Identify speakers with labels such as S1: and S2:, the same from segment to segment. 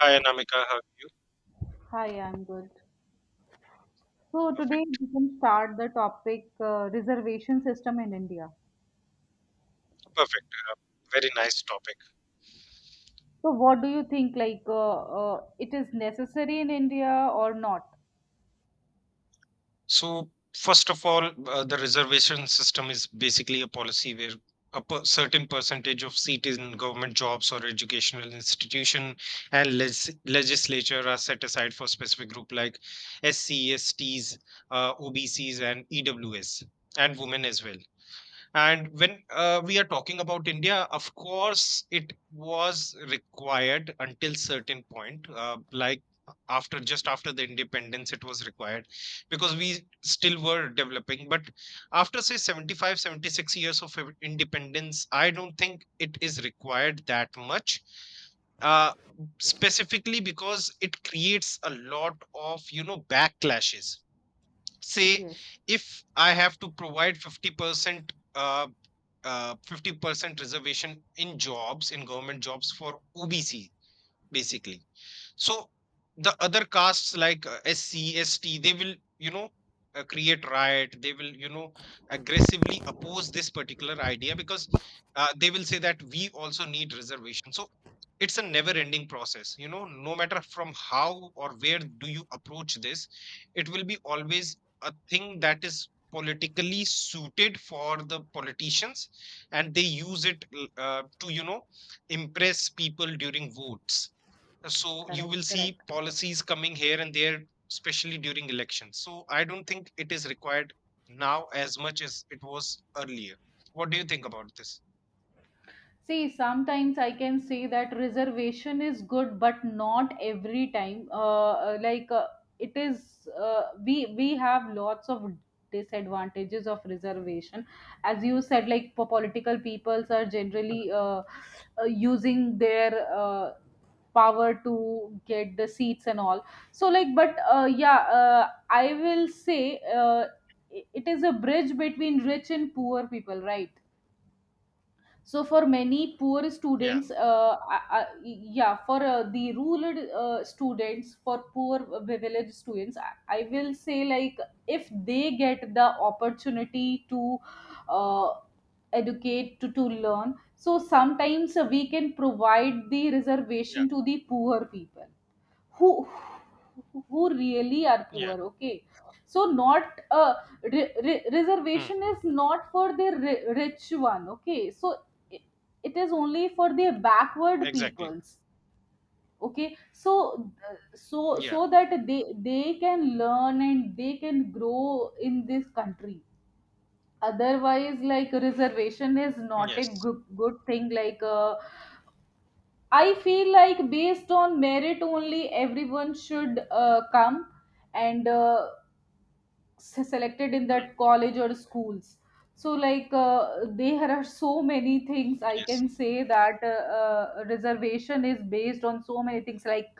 S1: Hi, Anamika. Hi.
S2: Hi, I'm good. So today
S1: Perfect.
S2: we can start the topic reservation system in India.
S1: Perfect. Very nice topic.
S2: So what do you think like it is necessary in India or not?
S1: So, first of all, the reservation system is basically a policy where certain percentage of seat in government jobs or educational institution and legislature are set aside for specific group like SCs, STs, OBCs, and EWS, and women as well. And when we are talking about India, of course, it was required until certain point, like after just after the independence, it was required because we still were developing. But after say 75, 76 years of independence, I don't think it is required that much. Uh, Specifically because it creates a lot of backlashes say
S2: Yes,
S1: if I have to provide 50% 50% reservation in jobs, in government jobs for obc basically. So the other castes like SC, ST, they will, you know, create riot. They will, you know, aggressively oppose this particular idea because they will say that we also need reservation. So it's a never-ending process. You know, no matter from how or where do you approach this, it will be always a thing that is politically suited for the politicians, and they use it to, you know, impress people during votes. So you
S2: correct,
S1: will see
S2: correct.
S1: policies coming here and there, especially during elections. So I don't think it is required now as much as it was earlier. What do you think about this?
S2: See, sometimes I can say that reservation is good, but not every time. It is, we have lots of disadvantages of reservation, as you said. Like political peoples are generally using their power to get the seats and all. So, like, but yeah, I will say it is a bridge between rich and poor people, right? So for many poor
S1: Yeah.
S2: students, yeah, for the rural students, for poor village students, I will say, like, if they get the opportunity to uh, educate, to learn. So sometimes we can provide the
S1: Yeah.
S2: reservation to the poor people who who really are
S1: Yeah.
S2: poor, okay? So not uh,
S1: Hmm.
S2: reservation is not for the rich one, okay? So it is only for the backward
S1: Exactly.
S2: peoples, okay? so uh, so
S1: Yeah.
S2: so that they can learn and they can grow in this country. Otherwise, like, reservation is not a
S1: Yes.
S2: good, good thing, I feel like based on merit only everyone should come and selected in
S1: Hmm.
S2: that college or schools. So, there are so many things I
S1: Yes.
S2: can say, that reservation is based on so many things. Like,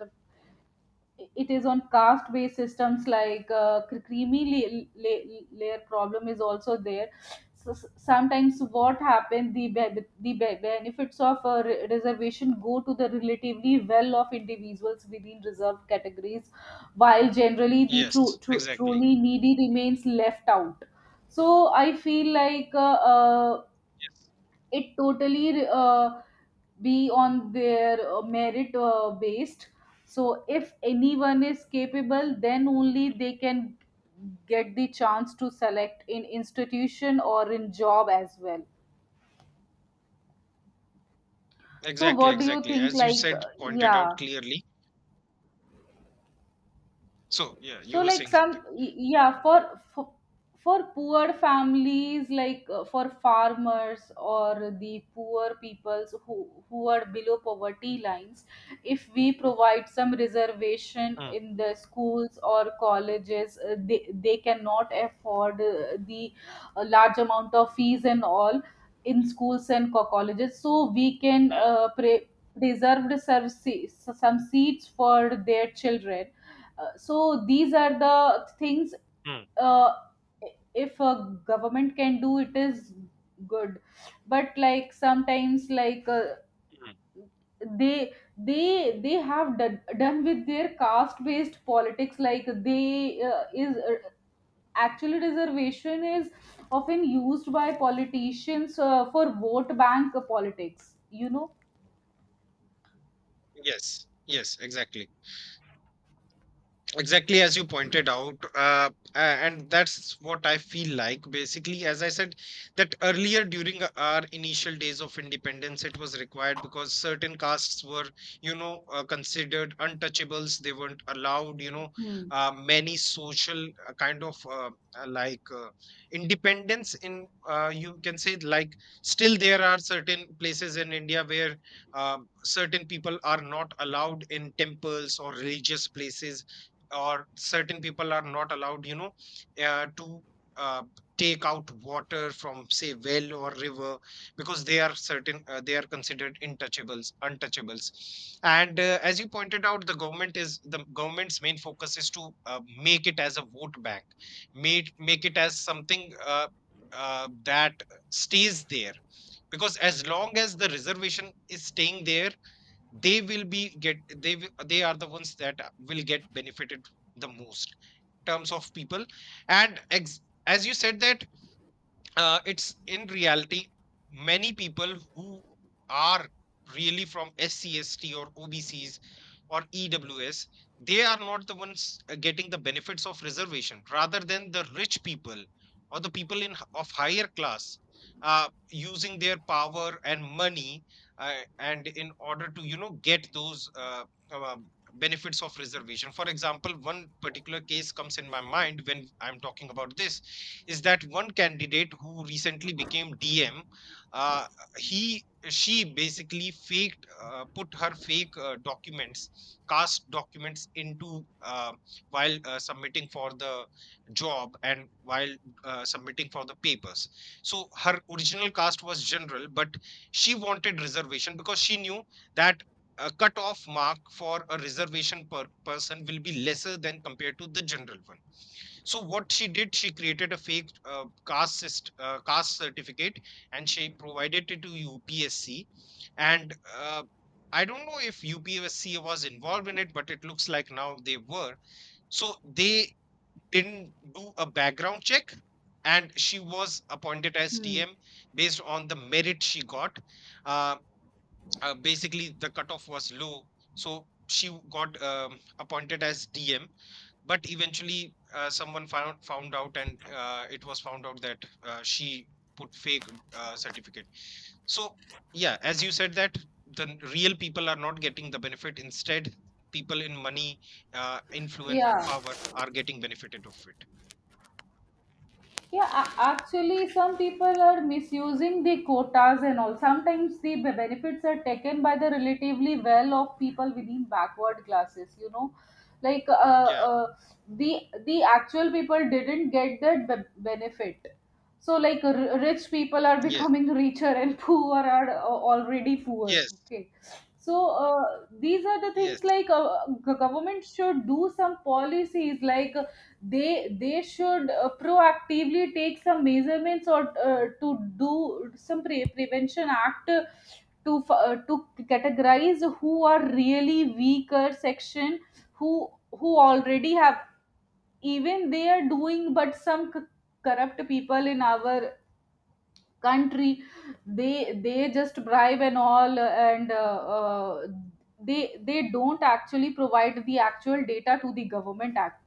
S2: it is on caste based systems, like creamy layer problem is also there. So, sometimes what happen, the benefits of a reservation go to the relatively well off individuals within reserved categories, while generally the true
S1: Yes, exactly.
S2: truly needy remains left out. So I feel like
S1: Yes.
S2: it totally be on their merit based. So if anyone is capable, then only they can get the chance to select in institution or in job as well. So
S1: Exactly,
S2: what do you
S1: exactly,
S2: think,
S1: as you
S2: like
S1: said,
S2: uh,
S1: pointed
S2: yeah.
S1: out clearly. So yeah, you
S2: So,
S1: were
S2: like,
S1: saying
S2: some
S1: something.
S2: y- yeah, for for poor families, like for farmers or the poor peoples who are below poverty lines, if we provide some reservation
S1: Hmm.
S2: in the schools or colleges, they cannot afford the large amount of fees and all in schools and colleges. So we can
S1: Hmm.
S2: preserve some seats for their children. So these are the things.
S1: Hmm.
S2: uh, if a government can do, it is good. But, like, sometimes,
S1: Hmm.
S2: they have done with their caste based politics. Like, they is actually reservation is often used by politicians, for vote bank politics, you know.
S1: Yes, yes, exactly. Exactly as you pointed out, a- and that's what I feel like. Basically, as I said, that earlier during our initial days of independence, it was required because certain castes were, you know, considered untouchables. They weren't allowed, you know,
S2: Hmm.
S1: many social kind of uh, like uh, independence. In you can say like still there are certain places in India where certain people are not allowed in temples or religious places, or certain people are not allowed, you know, to uh, take out water from say well or river, because they are certain they are considered intouchables, untouchables. And as you pointed out, the government's main focus is to make it as a vote bank, make it as something that stays there, because as long as the reservation is staying there, they are the ones that will get benefited the most in terms of people. And ex, as you said that it's in reality many people who are really from SCST or OBCs or EWS, they are not the ones getting the benefits of reservation, rather than the rich people or the people in of higher class using their power and money and in order to, you know, get those uh, benefits of reservation. For example, one particular case comes in my mind when I'm talking about this is that one candidate who recently became DM, uh, he she basically faked, put her fake documents, cast documents into while submitting for the job and while submitting for the papers. So her original cast was general, but she wanted reservation because she knew that a cutoff mark for a reservation per person will be lesser than compared to the general one. So what she did, she created a fake uh, caste certificate, and she provided it to UPSC. And I don't know if UPSC was involved in it, but it looks like now they were. So they didn't do a background check, and she was appointed as
S2: Hmm.
S1: TM based on the merit she got. Uh, Basically, the cutoff was low, so she got appointed as DM, but eventually someone found out, and it was found out that she put fake certificate. So yeah, as you said, that real people are not getting the benefit, instead people in money, influence and
S2: Yeah.
S1: power are getting benefited of it.
S2: Yeah, actually, some people are misusing the quotas and all. Sometimes benefits are taken by the relatively well off people within backward classes, you know. Like,
S1: Yeah.
S2: the actual people didn't get that benefit. So like, rich people are
S1: Yes.
S2: becoming richer and poor are already poor.
S1: Yes.
S2: Okay. So, these are the
S1: Yes,
S2: things, like government should do some policies, like they should proactively take some measurements or to do some prevention act, to categorize who are really weaker section, who who already have. Even they are doing, but some corrupt people in our country, they just bribe and all, and they don't actually provide the actual data to the government act.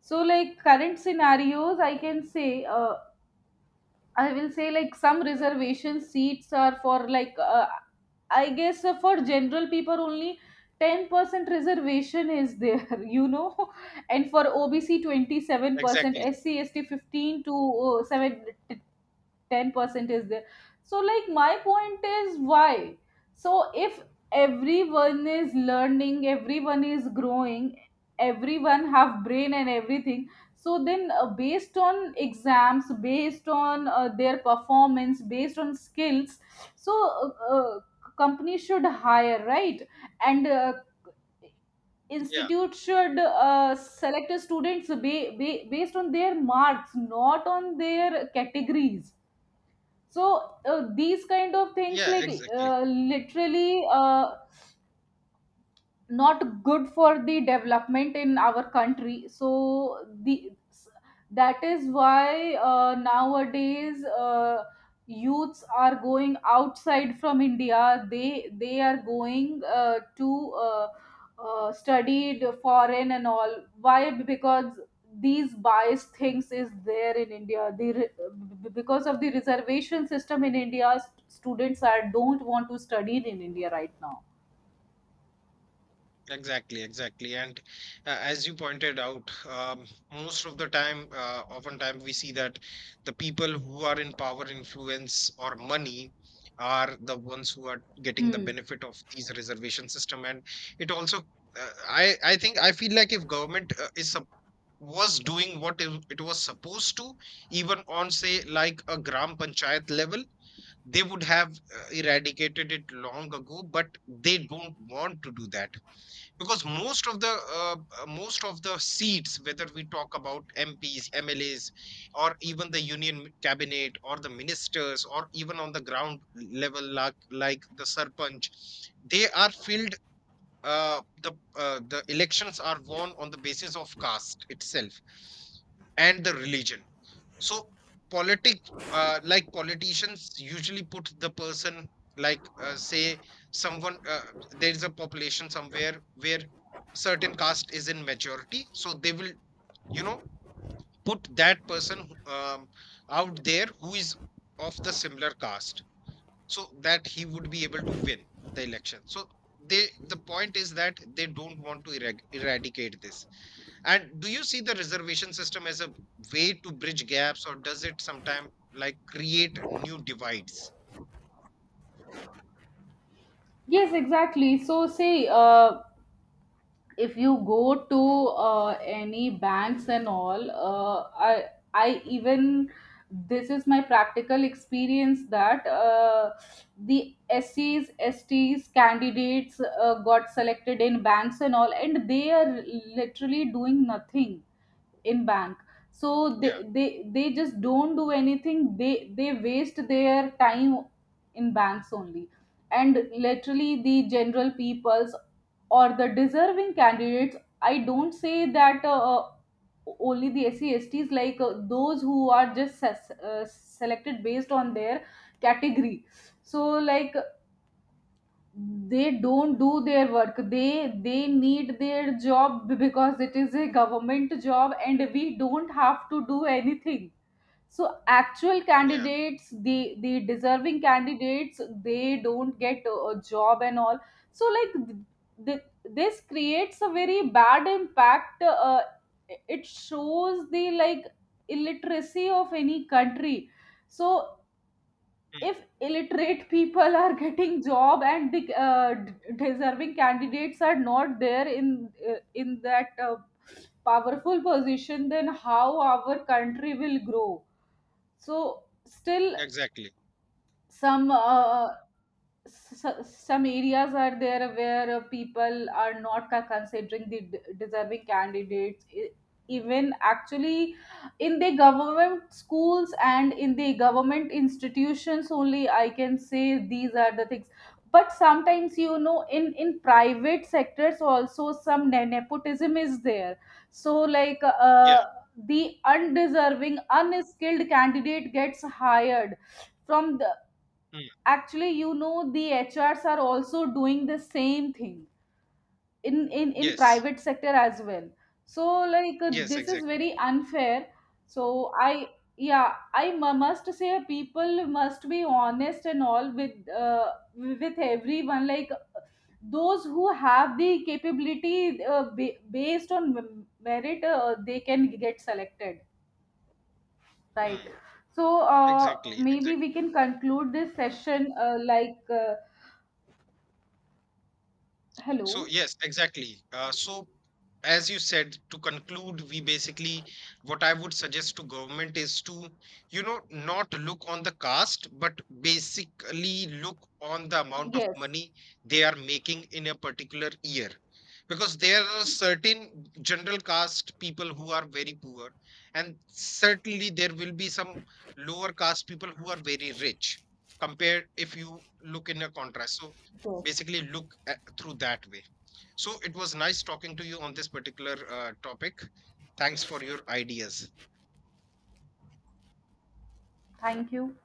S2: So, like, current scenarios I can say, I will say, like, some reservation seats are for, like, I guess, for general people only, 10% reservation is there, you know. And for OBC, 27%,
S1: exactly.
S2: SC ST, 15 to uh, 7, 10% is there. So, like, my point is, why, so if everyone is learning, everyone is growing, everyone have brain and everything, so then based on exams, based on their performance, based on skills. So, company should hire, right? And
S1: Yeah.
S2: institute should select the students based on their marks, not on their categories. So, these kind of things,
S1: Yeah,
S2: like,
S1: exactly.
S2: literally, not good for the development in our country. So the, that is why, nowadays, youths are going outside from India, they are going to study the foreign and all. Why? Because these biased things is there in India. Because of the reservation system in india, students are don't want to study in India right now.
S1: Exactly, exactly. And as you pointed out, most of the time, oftentimes we see that the people who are in power, influence, or money are the ones who are getting the
S2: Hmm.
S1: benefit of these reservation system. And it also, uh, I think I feel like if government was doing what it was supposed to, even on say like a gram panchayat level, they would have eradicated it long ago. But they don't want to do that because most of the seats, whether we talk about MPs, MLAs, or even the union cabinet or the ministers, or even on the ground level like the sarpanch, they are filled. uh, the the elections are won on the basis of caste itself and the religion. So politic, politicians usually put the person, like say someone there is a population somewhere where certain caste is in majority, so they will, you know, put that person out there who is of the similar caste, so that he would be able to win the election. So they, the point is that they don't want to eradicate this. And do you see the reservation system as a way to bridge gaps, or does it sometimes like create new divides?
S2: Yes, exactly. So, say, if you go to any banks and all, I even, this is my practical experience, that the SCs, STs candidates got selected in banks and all, and they are literally doing nothing in bank. So
S1: Yeah.
S2: they just don't do anything, they waste their time in banks only. And literally the general peoples or the deserving candidates, I don't say that only the SCSTs, like those who are just selected based on their category. So, like, they don't do their work, they need their job, because it is a government job and we don't have to do anything. So actual
S1: Yeah.
S2: candidates, the deserving candidates, they don't get a job and all. So like th- this creates a very bad impact. It shows the, like, illiteracy of any country. So
S1: Hmm.
S2: if illiterate people are getting job and the deserving candidates are not there in that powerful position, then how our country will grow? So still
S1: Exactly.
S2: some some areas are there where people are not considering the deserving candidates, even actually in the government schools and in the government institutions only, I can say these are the things. But sometimes, you know, in private sectors also some nepotism is there. So like
S1: Yeah.
S2: uh, the undeserving unskilled candidate gets hired from the,
S1: Hmm.
S2: actually, you know, the HRs are also doing the same thing in in
S1: Yes.
S2: private sector as well. So, like,
S1: Yes,
S2: this is
S1: exactly.
S2: very unfair. So I, yeah, I must say, people must be honest and all with everyone. Like those who have the capability, based on merit, they can get selected, right?
S1: Hmm.
S2: So,
S1: Exactly,
S2: maybe we
S1: exactly.
S2: can conclude this session,
S1: So
S2: hello?
S1: yes, exactly. So as you said, to conclude, we basically, what I would suggest to government is to, you know, not look on the caste, but basically look on the amount of
S2: Yes.
S1: money they are making in a particular year. Because there are certain general caste people who are very poor, and certainly there will be some lower caste people who are very rich, compared if you look in a contrast. So
S2: So,
S1: basically look through that way. So it was nice talking to you on this particular topic. Thanks for your ideas.
S2: thank you.